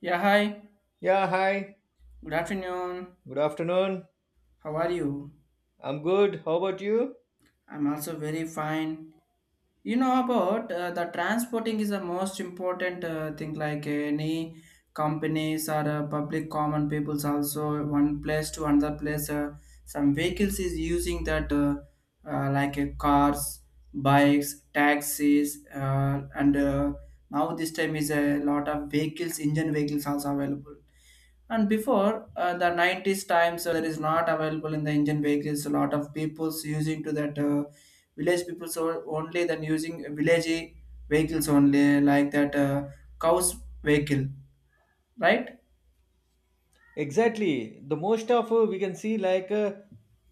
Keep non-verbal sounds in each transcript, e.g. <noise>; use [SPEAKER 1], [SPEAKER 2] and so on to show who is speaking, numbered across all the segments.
[SPEAKER 1] Yeah, hi.
[SPEAKER 2] Yeah, hi.
[SPEAKER 1] Good afternoon.
[SPEAKER 2] Good afternoon.
[SPEAKER 1] How are you?
[SPEAKER 2] I'm good. How about you?
[SPEAKER 1] I'm also very fine. You know about the transporting is the most important thing like any companies or public common peoples also one place to another place, some vehicles is using that, cars, bikes, taxis, and now this time is a lot of vehicles engine vehicles also available. And before the 90s times, there is not available in the Indian vehicles. A lot of people's using to that, village people so only then using village vehicles only like that, cows vehicle, right?
[SPEAKER 2] Exactly. The most of we can see like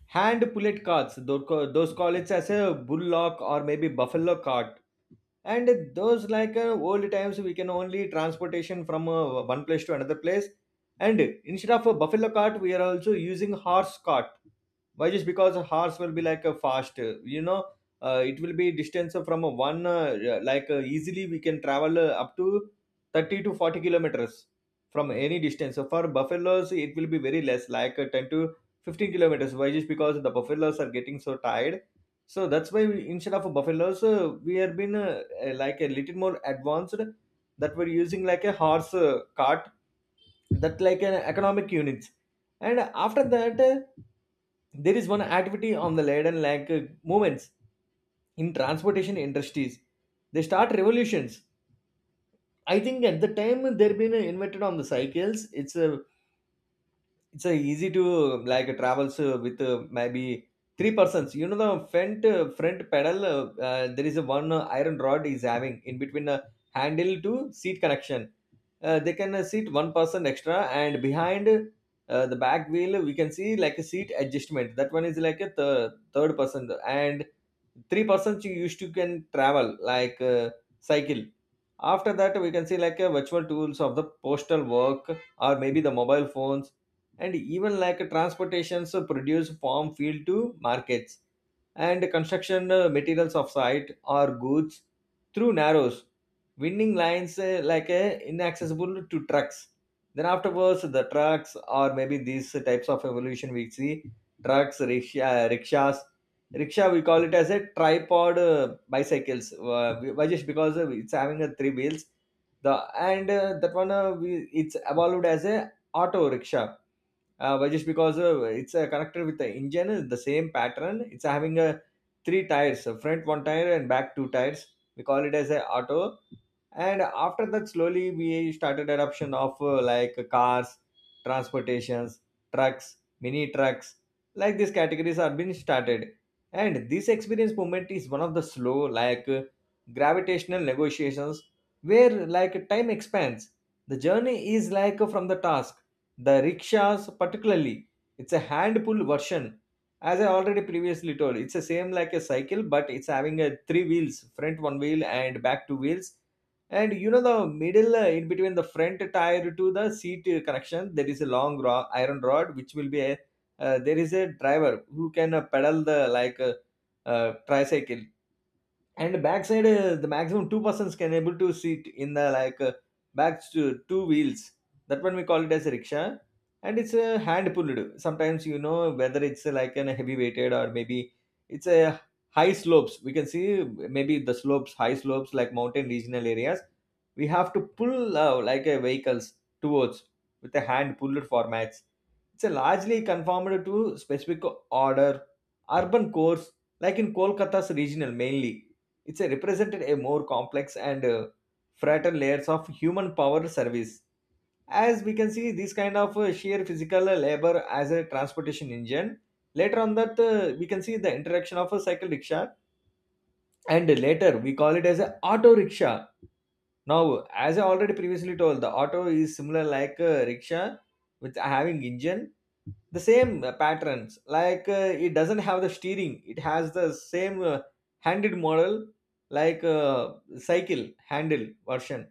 [SPEAKER 2] hand pullet cards. Those call it as a bullock or maybe buffalo cart. And those like old times we can only transportation from one place to another place. And instead of a buffalo cart, we are also using horse cart. Why just because a horse will be like a fast, it will be distance from a one easily we can travel up to 30 to 40 kilometers from any distance, so for buffaloes it will be very less, 10 to 15 kilometers. Why just because the buffaloes are getting so tired, so that's why we, instead of buffaloes, we have been like a little more advanced, that we're using like a horse cart, that like an economic unit. And after that, there is one activity on the laden like movements in transportation industries, they start revolutions. I think at the time they've been invented on the cycles. It's a easy to travels with maybe three persons, you know, the front front pedal. Uh, There is a one iron rod is having in between a handle to seat connection. They can seat one person extra, and behind the back wheel we can see like a seat adjustment, that one is like a third person, and three persons you used to can travel like cycle. After that we can see like a virtual tools of the postal work, or maybe the mobile phones, and even like a transportations produce farm field to markets, and construction materials of site or goods through narrows, winding lines, inaccessible to trucks. Then afterwards the trucks, or maybe these types of evolution we see, trucks rickshaw, rickshaws. Rickshaw we call it as a tripod bicycles, why just because it's having a three wheels. The and uh, that one it's evolved as a auto rickshaw. But just because it's a connector with the engine is the same pattern, it's having a three tires, a front one tire and back two tires. We call it as a auto. And after that slowly we started adoption of like cars transportations, trucks, mini trucks, like these categories are being started. And this experience movement is one of the slow like gravitational negotiations, where like time expands, the journey is like from the task. The rickshaws particularly, it's a hand pull version. As I already previously told, it's the same like a cycle, but it's having a three wheels, front one wheel and back two wheels. And you know the middle in between the front tire to the seat connection, there is a long iron rod which will be a there is a driver who can pedal the like tricycle. And backside the maximum two persons can able to sit in the like back to two wheels. That one we call it as a rickshaw, and it's a hand pulled. Sometimes you know, whether it's like an heavy weighted, or maybe it's a high slopes we can see maybe the slopes, high slopes like mountain regional areas, we have to pull like a vehicles towards with a hand pulled formats. It's a largely conformed to specific order, urban cores, like in Kolkata's regional mainly. It's a represented a more complex and fragile layers of human power service. As we can see, this kind of sheer physical labor as a transportation engine. Later on that, we can see the interaction of a cycle rickshaw, and later we call it as a auto rickshaw. Now, as I already previously told, the auto is similar like a rickshaw with having engine, the same patterns. Like it doesn't have the steering, it has the same handed model, like cycle handle version.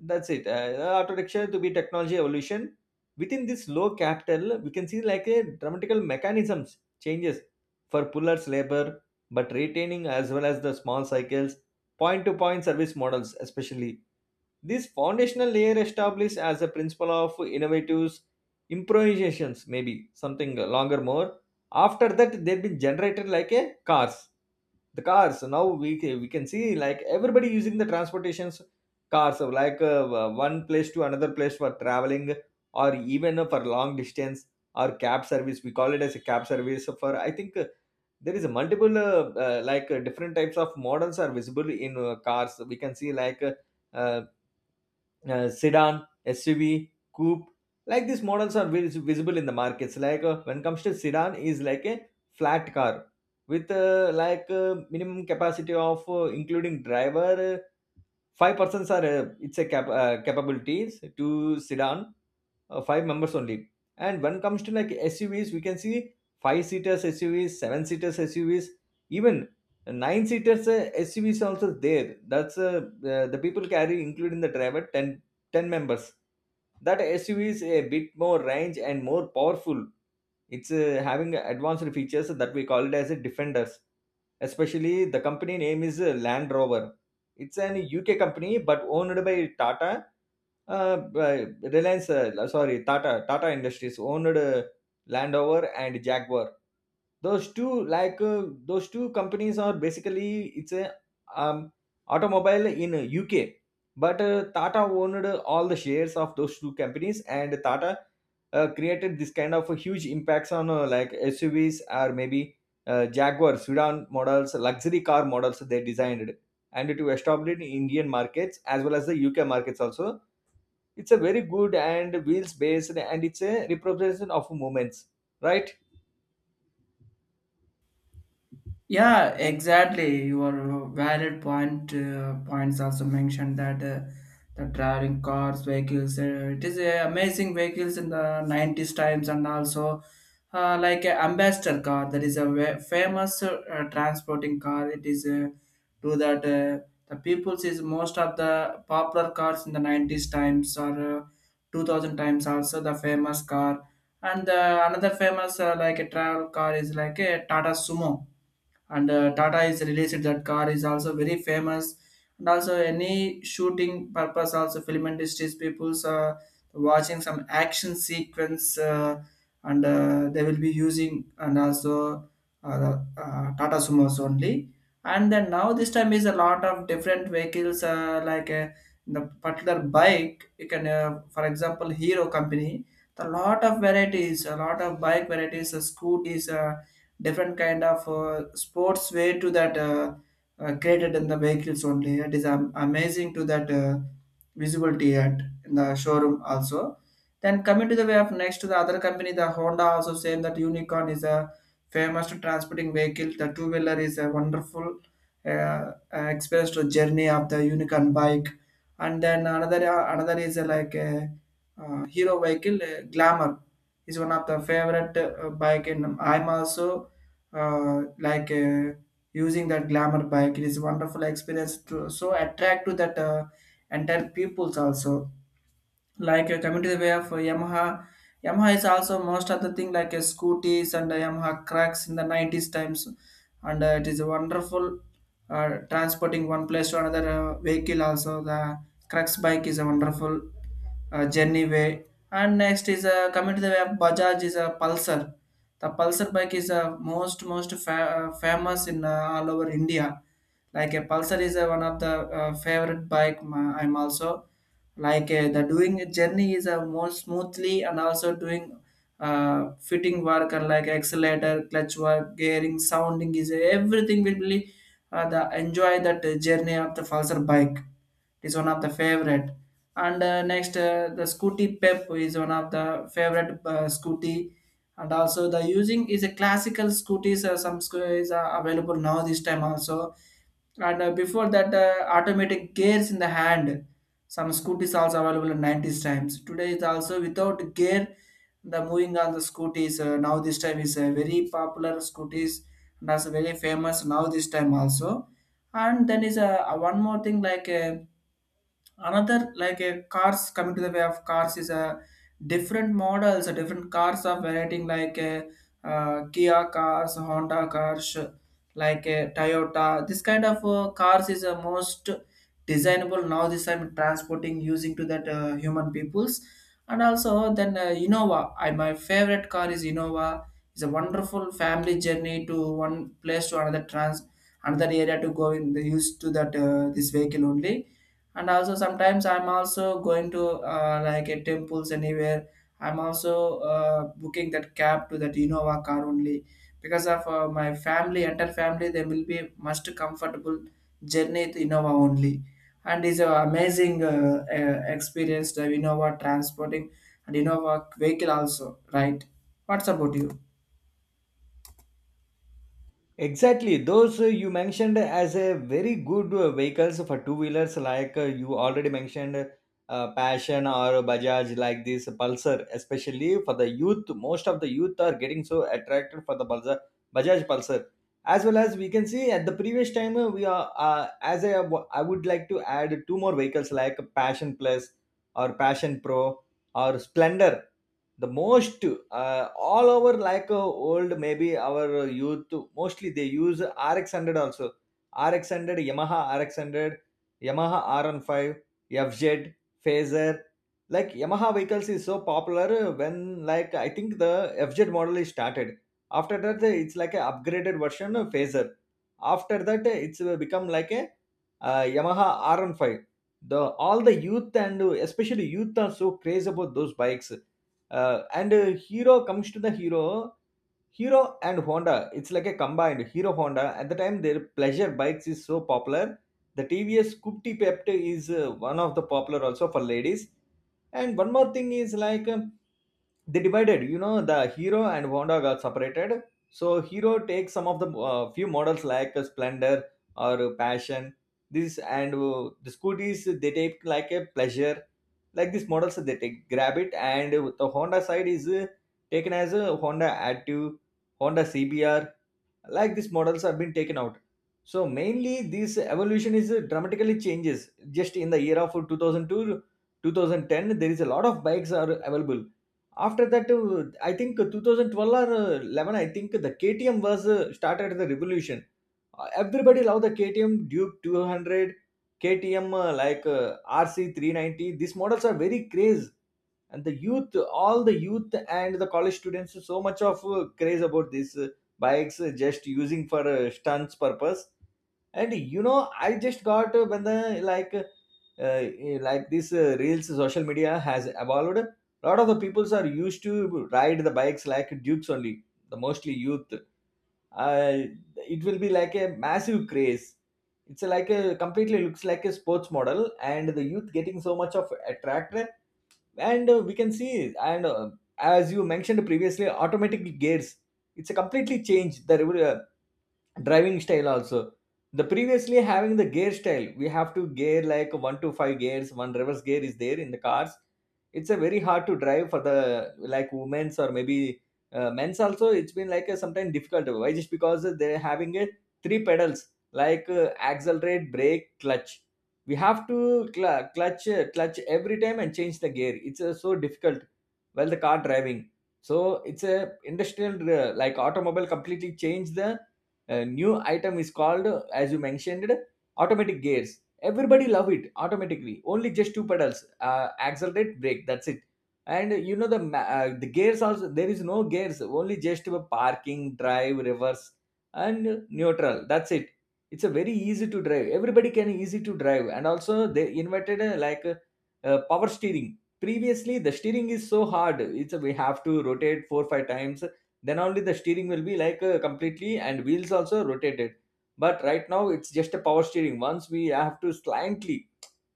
[SPEAKER 2] That's it. The auto rickshaw to be technology evolution. Within this low capital, we can see like a dramatical mechanisms changes for pullers labor, but retaining as well as the small cycles point to point service models, especially. This foundational layer established as a principle of innovatives, improvisations, maybe something longer more. After that, they've been generated like a cars. The cars now we we can see like everybody using the transportations cars of like one place to another place for traveling, or even for long distance, or cab service. We call it as a cab service for I think there is a multiple different types of models are visible in cars. We can see like uh, sedan, SUV, coupe. Like these models are visible in the markets. Like when comes to sedan, is like a flat car with minimum capacity of including driver. Five persons are it's a capabilities to sedan, five members only. And when comes to like SUVs, we can see five seaters SUVs, seven seaters SUVs, even nine seaters SUVs also there. That's the people carry, including the driver, ten members. That SUV is a bit more range and more powerful. It's having advanced features that we call it as a defenders. Especially the company name is Land Rover. It's an UK company but owned by Tata by Tata, Tata Industries owned Land Rover and Jaguar. Those two, those two companies, are basically it's a um, automobile in UK. But Tata owned all the shares of those two companies, and Tata created this kind of a huge impacts on like SUVs, or maybe Jaguar sedan models, luxury car models they designed, and to establish Indian markets as well as the UK markets also. It's a very good and wheels based, and it's a representation of movements, right?
[SPEAKER 1] Yeah, exactly. Your valid point, points also mentioned that the driving cars, vehicles, it is amazing vehicles in the 90s times, and also like a ambassador car, that is a famous transporting car. It is to that the people's is most of the popular cars in the 90s times or 2000 times also the famous car. And another famous like a travel car is like a Tata Sumo, and Tata is released that car is also very famous. And also any shooting purpose, also film industries people's watching some action sequence, and they will be using, and also Tata Sumos only. And then now this time is a lot of different vehicles, the particular bike you can, for example Hero company, the lot of varieties, a lot of bike varieties, scooters, different kind of sports way to that, created in the vehicles only. It is amazing to that visibility at in the showroom also. Then coming to the way of next to the other company, the Honda also same, that Unicorn is a famous transporting vehicle, the two-wheeler is a wonderful uh, uh, experience to journey of the Unicorn bike. And then another, another is like a Hero vehicle, Glamour is one of the favorite bike, and I'm also uh, like uh, using that Glamour bike. It is wonderful experience to so attract to that entire peoples also, like coming to the way of Yamaha. Yamaha is also most of the thing like scooters, and Yamaha Cracks in the 90s times, and it is a wonderful transporting one place to another vehicle. Also, the Cracks bike is a wonderful journey way. And next is coming to the way of Bajaj is a Pulsar. The Pulsar bike is most famous in all over India. Like a Pulsar is one of the favorite bike. I'm also like the doing journey is a more smoothly, and also doing fitting work, and like accelerator clutch work gearing sounding is everything will be, the enjoy that journey of the Falser bike. It is one of the favorite. And next the Scooty Pep is one of the favorite scooty, and also the using is a classical scooters, are available now this time also. And before that, automatic gears in the hand. Some scooters also available in 90s times. Today is also without gear. The moving on the scooters, now this time is a very popular scooters, and also very famous now this time also. And then is a one more thing like. Another like a cars, coming to the way of cars is a different models, a different cars of variety like a, Kia cars, Honda cars, like a Toyota, this kind of cars is a most designable now this time, transporting using to that human peoples. And also then Innova, I my favorite car is Innova. It's a wonderful family journey to one place to another trans, another area to go in the use to that this vehicle only. And also sometimes I'm also going to like a temples, anywhere I'm also booking that cab to that Innova car only, because of my family, entire family they will be most comfortable journey to Innova only. And it's an amazing experience, the Innova transporting and Innova vehicle also, right? What's about you?
[SPEAKER 2] Exactly, those you mentioned as a very good vehicles for two wheelers, like you already mentioned passion or bajaj like this pulsar, especially for the youth. Most of the youth are getting so attracted for the Balza, bajaj pulsar. As well as we can see at the previous time we are as I would like to add two more vehicles like passion plus or passion pro, our splendor, the most all over like old, maybe our youth mostly they use RX100 also, RX100, yamaha r 15, fz, phaser. Like yamaha vehicles is so popular. When like I think the fz model is started, after that it's like a upgraded version of phaser, after that it's become like a yamaha r 15. The all the youth and especially youth are so crazy about those bikes. And hero, comes to the hero. Hero and Honda, it's like a combined Hero Honda. At the time, their pleasure bikes is so popular. The TVS Coupe Pepto is one of the popular also for ladies. And one more thing is like they divided. You know, the Hero and Honda got separated. So Hero takes some of the few models like Splendor or Passion. This, and the scooters they take like a pleasure, like these models they take grab it. And the Honda side is taken as a Honda Active, Honda CBR, like these models have been taken out. So mainly this evolution is dramatically changes. Just in the year of 2002 to 2010, there is a lot of bikes are available. After that, I think 2012 or 11, I think the KTM was started the revolution. Everybody love the KTM Duke 200, KTM RC 390. These models are very craze, and the youth all the youth and the college students so much of craze about these bikes, just using for stunts purpose. And you know I just got when the like uh, uh, like this reels social media has evolved. A lot of the peoples are used to ride the bikes like dukes only, the mostly youth. uh, it will be like a massive craze. It's like a completely looks like a sports model, and the youth getting so much of attracted, and we can see. And as you mentioned previously, automatic gears, it's a completely change the driving style also. The previously having the gear style, we have to gear like one to five gears, one reverse gear is there in the cars. It's a very hard to drive for the like women's, or maybe men's also. It's been like a sometimes difficult, why just because they're having a three pedals like accelerate, brake, clutch. We have to clutch every time and change the gear. It's so difficult while the car driving. So it's a industrial like automobile completely changed the, a new item is called, as you mentioned, automatic gears. Everybody love it automatically, only just two pedals, accelerate, brake, that's it. And you know the the gears also there is no gears, only just a parking, drive, reverse, and neutral, that's it. It's a very easy to drive, everybody can easy to drive. And also they invented power steering. Previously the steering is so hard, it's a, we have to rotate 4 5 times, then only the steering will be like completely and wheels also rotated. But right now it's just a power steering, once we have to slightly,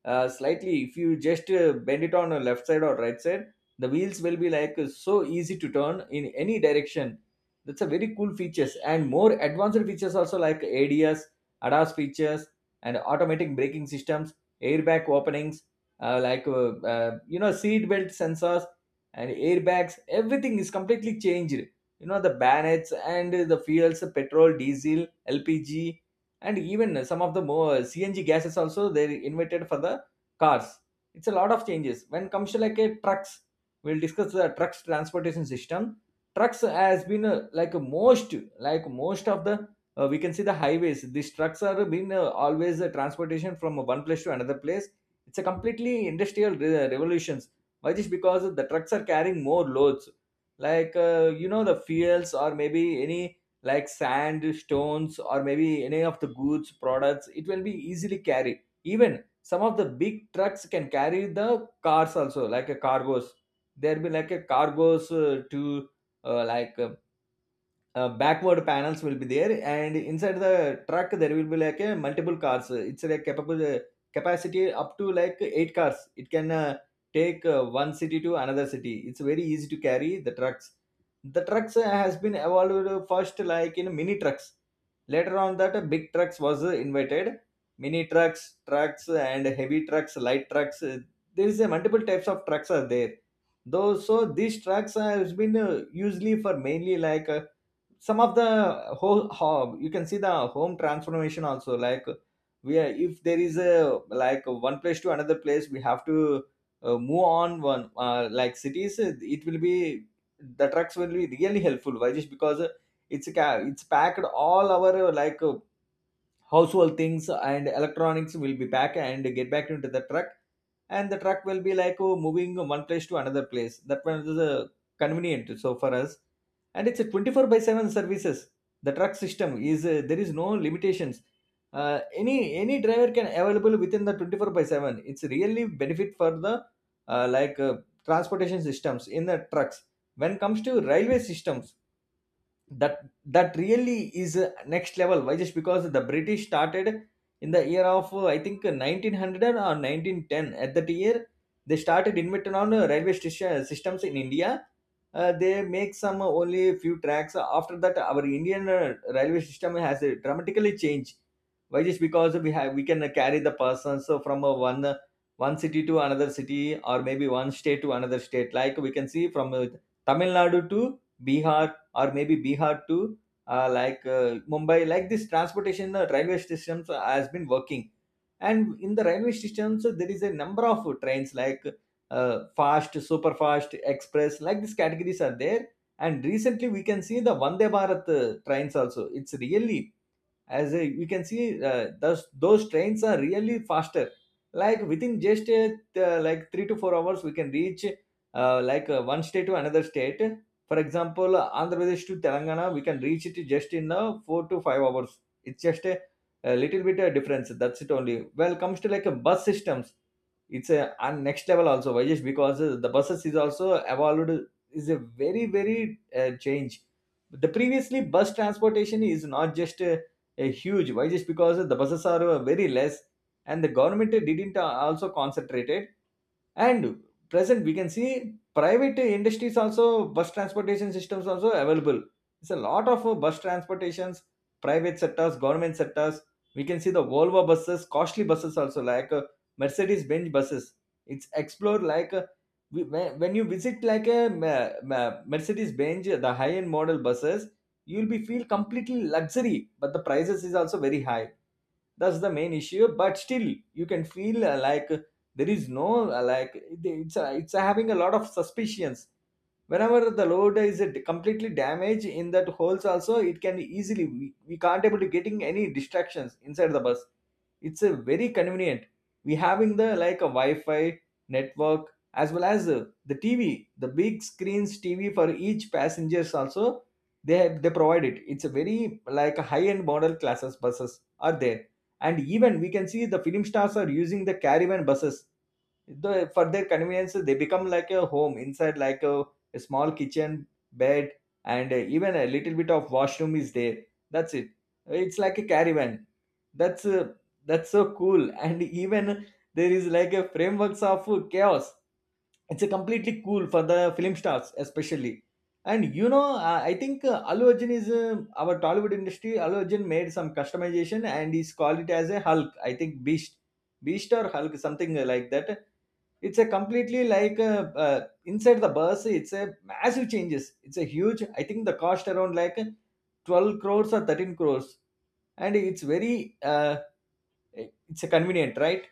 [SPEAKER 2] slightly, if you just bend it on the left side or right side, the wheels will be like so easy to turn in any direction. That's a very cool features, and more advanced features also, like ads, ADAS features and automatic braking systems, airbag openings, you know, seat belt sensors and airbags, everything is completely changed. You know the bannets and the fuels, petrol, diesel, LPG, and even some of the more CNG gases also they invented for the cars. It's a lot of changes. When comes to like a trucks, we'll discuss the trucks transportation system. Trucks has been like most of the we can see the highways. These trucks are been always a transportation from one place to another place. It's a completely industrial revolutions. Why this? Because the trucks are carrying more loads, like you know, the fuels or maybe any like sand, stones, or maybe any of the goods products. It will be easily carried, even some of the big trucks can carry the cars also, like a cargos. There be like a cargos to like backward panels will be there, and inside the truck there will be like a multiple cars, it's like capable capacity up to like eight cars it can take one city to another city. It's very easy to carry the trucks. The trucks has been evolved first like in mini trucks, later on that big trucks was invented. Mini trucks, trucks and heavy trucks, light trucks, there is a multiple types of trucks are there. Those so these trucks has been usually for mainly like some of the whole how you can see the home transformation also, like we are, if there is a like one place to another place, we have to move on one like cities. It will be the trucks will be really helpful, why just because it's a it's packed all our household things and electronics will be packed and get back into the truck, and the truck will be like oh, moving one place to another place. That one is convenient so for us. And it's a 24 by 7 services, the truck system is there is no limitations. uh, any any driver can available within the 24 by 7. It's really benefit for the uh, like uh, transportation systems in the trucks. When comes to railway systems, that really is next level, why just because the British started in the year of I think 1900 or 1910, at that year they started inventing on railway station systems in India. They make some only few tracks. After that our Indian railway system has dramatically changed, why just because we have we can carry the persons from one city to another city, or maybe one state to another state, like we can see from Tamil Nadu to Bihar, or maybe Bihar to Mumbai. Like this transportation railway systems has been working. And in the railway systems there is a number of trains like fast, super fast, express. Like these categories are there. And recently we can see the Vande Bharat trains also. It's really, as a, we can see those trains are really faster, like within just a, like 3 to 4 hours we can reach one state to another state. For example, Andhra Pradesh to Telangana we can reach it just in 4 to 5 hours. It's just a little bit of difference, that's it only. Well comes to like a bus systems, it's a and next level also, why just because the buses is also evolved, is a very very change. The previously bus transportation is not just a huge, why just because the buses are very less and the government didn't also concentrate. And present, we can see private industries also, bus transportation systems also available. It's a lot of bus transportations, private sectors, government sectors. We can see the Volvo buses, costly buses also, like Mercedes Benz buses. It's explored like when you visit like a Mercedes Benz, the high end model buses, you'll be feel completely luxury, but the prices is also very high, that's the main issue. But still you can feel like there is no like it's having a lot of suspicions. Whenever the load is, it completely damaged in that holes also, it can easily we can't able to getting any distractions inside the bus. It's a very convenient. We having the like a Wi-Fi network, as well as the TV, the big screens TV for each passengers also they have, they provide it. It's a very like a high end model classes buses are there. And even we can see the film stars are using the caravan buses. The, for their convenience, they become like a home inside, like a small kitchen, bed, and even a little bit of washroom is there. That's it. It's like a caravan. That's uh, that's so cool. <laughs> And even there is like a frameworks of chaos. It's a completely cool for the film stars, especially. And you know, I think Allu Arjun is our Tollywood industry. Allu Arjun made some customization and he's called it as a Hulk. I think Beast, Beast or Hulk, something like that. It's a completely like a, inside the bus it's a massive changes. It's a huge, I think the cost around like 12 crores or 13 crores. And it's very it's a convenient, right?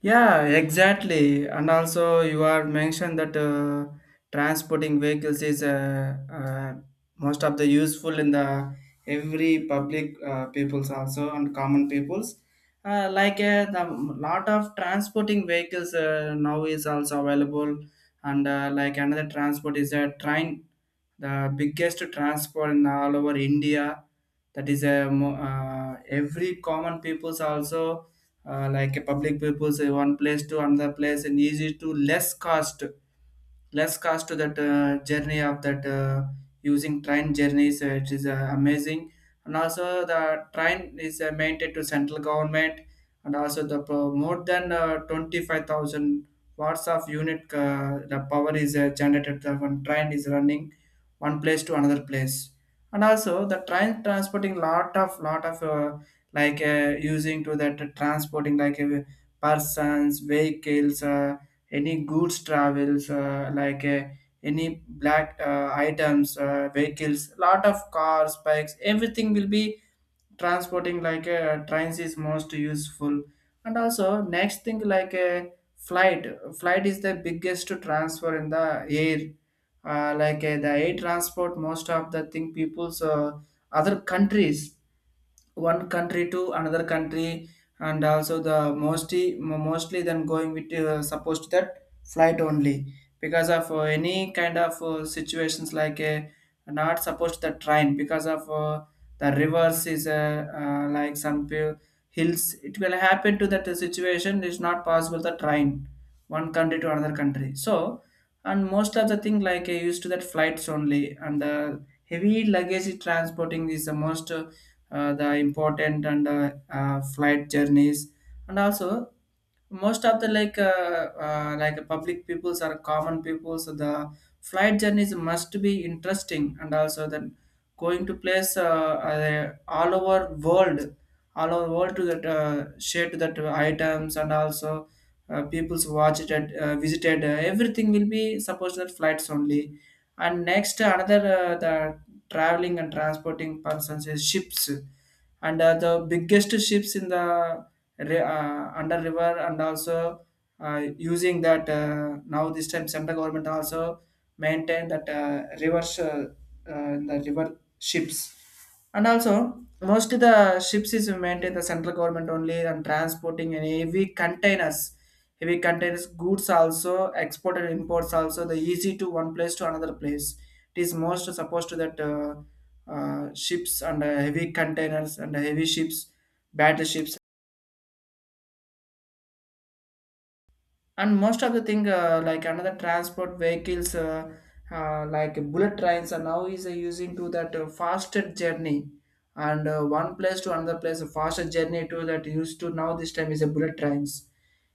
[SPEAKER 1] Yeah, exactly. And also, you are mentioned that transporting vehicles is, most of the useful in the every public peoples also, and common peoples. Like the lot of transporting vehicles now is also available, and like another transport is a train, the biggest transport in all over India. That is a every common peoples also like a public purpose, say one place to another place, and easy to less cost. Less cost to that journey of that, using train journeys, it is amazing. And also the train is maintained to central government, and also the more than 25,000 watts of unit, the power is generated the when train is running one place to another place. And also the train transporting lot of like using to that transporting, persons vehicles, any goods travels, any black items, vehicles, lot of cars, bikes, everything will be transporting, like a trains is most useful. And also next thing like a flight is the biggest transfer in the air. The air transport, most of the thing people's, other countries, one country to another country. And also the mostly then going with, supposed to that flight only, because of any kind of situations like not supposed to the train, because of the reverse is, hills, it will happen to that situation, it is not possible the train one country to another country so. And most of the thing like I used to that flights only, and the heavy luggage transporting is the most the important and flight journeys. And also most of the like public peoples or common peoples, so the flight journeys must be interesting, and also the going to place, all over world, all over world to that share to that items, and also people's watched it, visited, everything will be supposed that flights only. And next another, the traveling and transporting persons is ships. And the biggest ships in the under river, and also using that, now this time central government also maintain that rivers, the river ships. And also most of the ships is maintained the central government only, and transporting and heavy containers, heavy containers goods also, export and imports also, the easy to one place to another place, it is most supposed to that ships, and heavy containers and heavy ships, battleships. And most of the thing, like another transport vehicles, like bullet trains are now is using to that faster journey. And one place to another place, a faster journey to that used to, now this time is a bullet trains.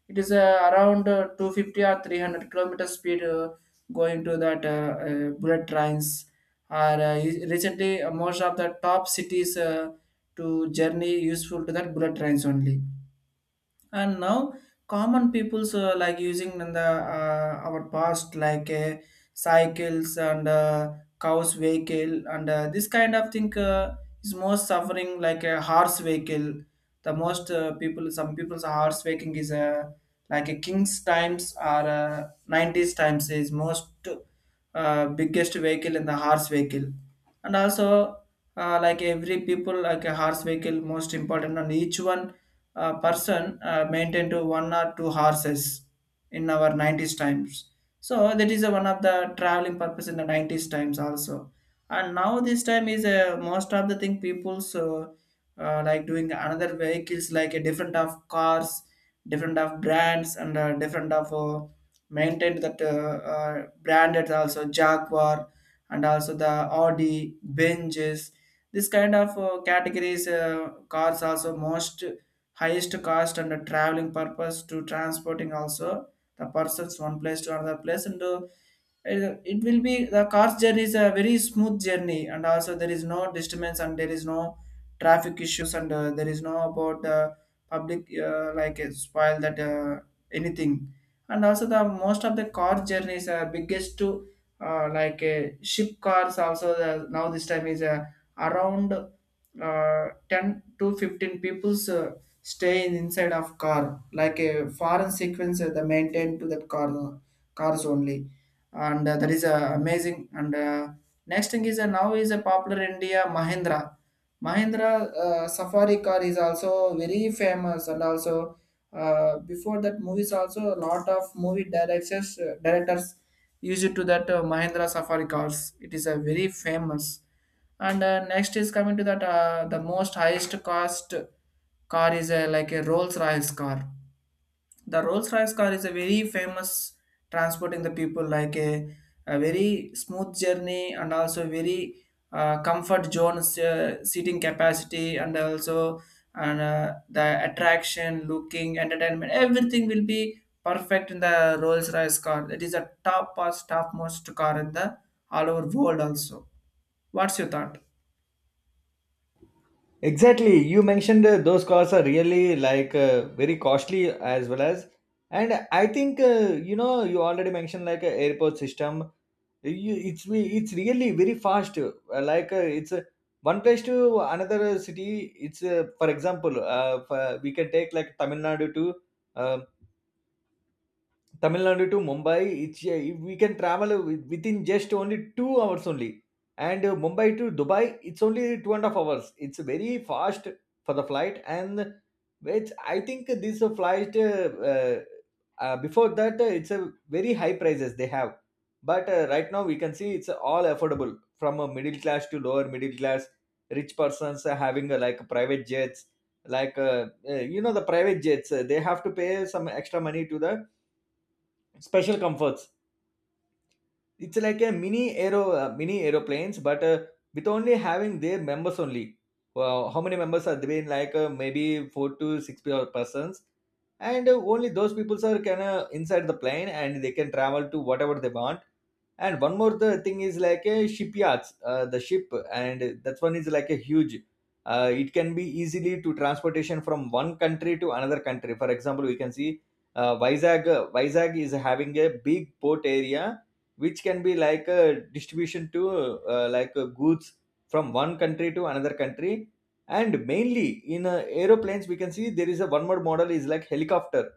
[SPEAKER 1] It is around 250 or 300-kilometer speed, going to that, bullet trains are recently, most of the top cities, to journey useful to that bullet trains only. And now common people's like using in the our past like cycles, and cows vehicle, and this kind of thing is most suffering like a horse vehicle. The most people, some people's horse vehicle is like a king's times or 90s times, is most biggest vehicle in the horse vehicle. And also like every people like a horse vehicle most important, and each one person maintain to one or two horses in our 90s times. So that is a, one of the traveling purpose in the 90s times also. And now this time is most of the thing people so, like doing another vehicles, like a different of cars, different of brands, and different of maintained that, branded also Jaguar, and also the Audi, Benjes. This kind of categories cars also most highest cost, and the traveling purpose to transporting also the persons one place to another place, and it will be the car's journey is a very smooth journey, and also there is no disturbance, and there is no traffic issues, and there is no about the public like a spoil that anything. And also the most of the car journeys are biggest to, ship cars also the, now this time is around 10 to 15 people's stay in inside of car like a foreign sequence, the maintain to that cars only. And that is amazing. And next thing is, now is a popular India Mahindra Safari car is also very famous, and also before that movies also, a lot of movie directors used to that Mahindra Safari cars. It is a very famous. And next is coming to that, the most highest cost car is like a Rolls Royce car. The Rolls Royce car is a very famous transporting the people like a very smooth journey, and also very comfort zones, seating capacity, and also and the attraction looking entertainment, everything will be perfect in the Rolls Royce car. That is a top most topmost car in the all over world also. What's your thought?
[SPEAKER 2] Exactly, you mentioned those cars are really like very costly as well as. And I think you know you already mentioned like a airport system. You, it's it's really very fast. It's one place to another city. It's for example, we can take like um, Tamil Nadu to Mumbai. It's we can travel within just only 2 hours only. And Mumbai to Dubai, it's only 2.5 hours. It's very fast for the flight. And it's, I think this flight before that it's a very high prices they have. But right now we can see it's all affordable, from a middle class to lower middle class. Rich persons are having like private jets, like you know the private jets, they have to pay some extra money to the special comforts. It's like a mini aero, mini aeroplanes, but with only having their members only. Well, how many members are there? Like maybe four to six persons. And only those people are can inside the plane, and they can travel to whatever they want. And one more the thing is like a shipyards, the ship, and that one is like a huge. It can be easily to transportation from one country to another country. For example, we can see Vizag. Vizag is having a big port area, which can be like a distribution to goods from one country to another country. And mainly in aeroplanes, we can see there is a one more model is like helicopter.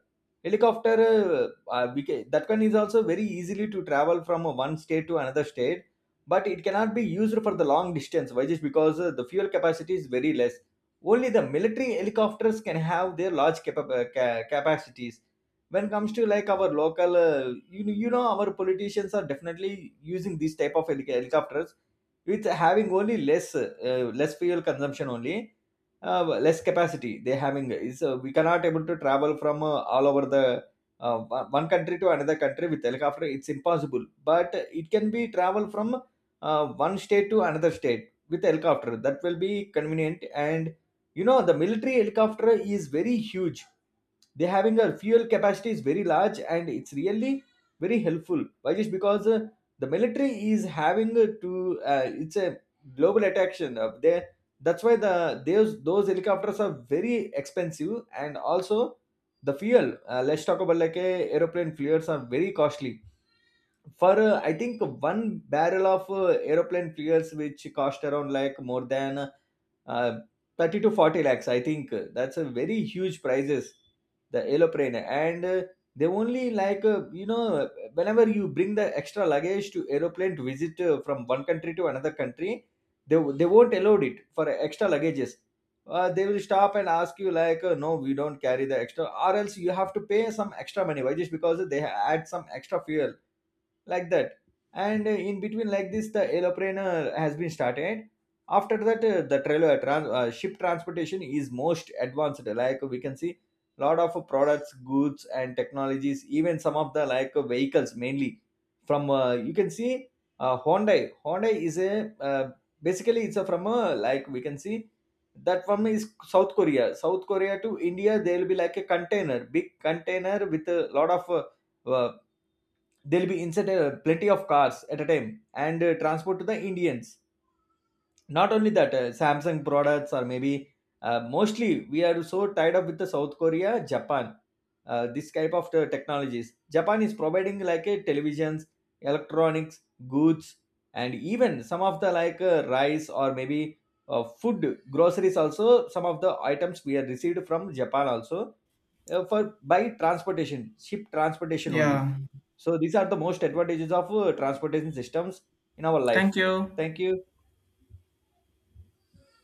[SPEAKER 2] Helicopter, we can, that one is also very easily to travel from one state to another state. But it cannot be used for the long distance, why just because the fuel capacity is very less. Only the military helicopters can have their large capacities. When it comes to like our local you know our politicians are definitely using these type of helicopters, with having only less less fuel consumption only. Less capacity they having is we cannot able to travel from all over the one country to another country with helicopter, it's impossible. But it can be travel from one state to another state with helicopter, that will be convenient. And you know the military helicopter is very huge, they having a fuel capacity is very large. And it's really very helpful, why just because the military is having to it's a global attraction of there, that's why the those helicopters are very expensive. And also the fuel let's talk about like a aeroplane fuels are very costly, for I think one barrel of aeroplane fuels which cost around like more than uh, 30 to 40 lakhs, I think that's a very huge prices. The aeroplane. And they only like you know, whenever you bring the extra luggage to aeroplane to visit from one country to another country, they won't allow it for extra luggages. They will stop and ask you like no, we don't carry the extra, or else you have to pay some extra money, why just because they add some extra fuel, like that. And in between like this the aeroplane has been started. After that the ship transportation is most advanced, like we can see lot of products, goods and technologies, even some of the like vehicles mainly from you can see Hyundai is a basically it's a from a like we can see that one is South Korea to India, there will be like a container, big container with a lot of uh, there'll be inside plenty of cars at a time, and transport to the Indians. Not only that, Samsung products or maybe mostly we are so tied up with the South Korea, Japan. This type of the technologies, Japan is providing like a televisions, electronics, goods. And even some of the like rice or maybe food groceries also, some of the items we are received from Japan also, for by transportation, ship transportation only.
[SPEAKER 1] Yeah.
[SPEAKER 2] So these are the most advantages of transportation systems in our life.
[SPEAKER 1] Thank you.
[SPEAKER 2] Thank you.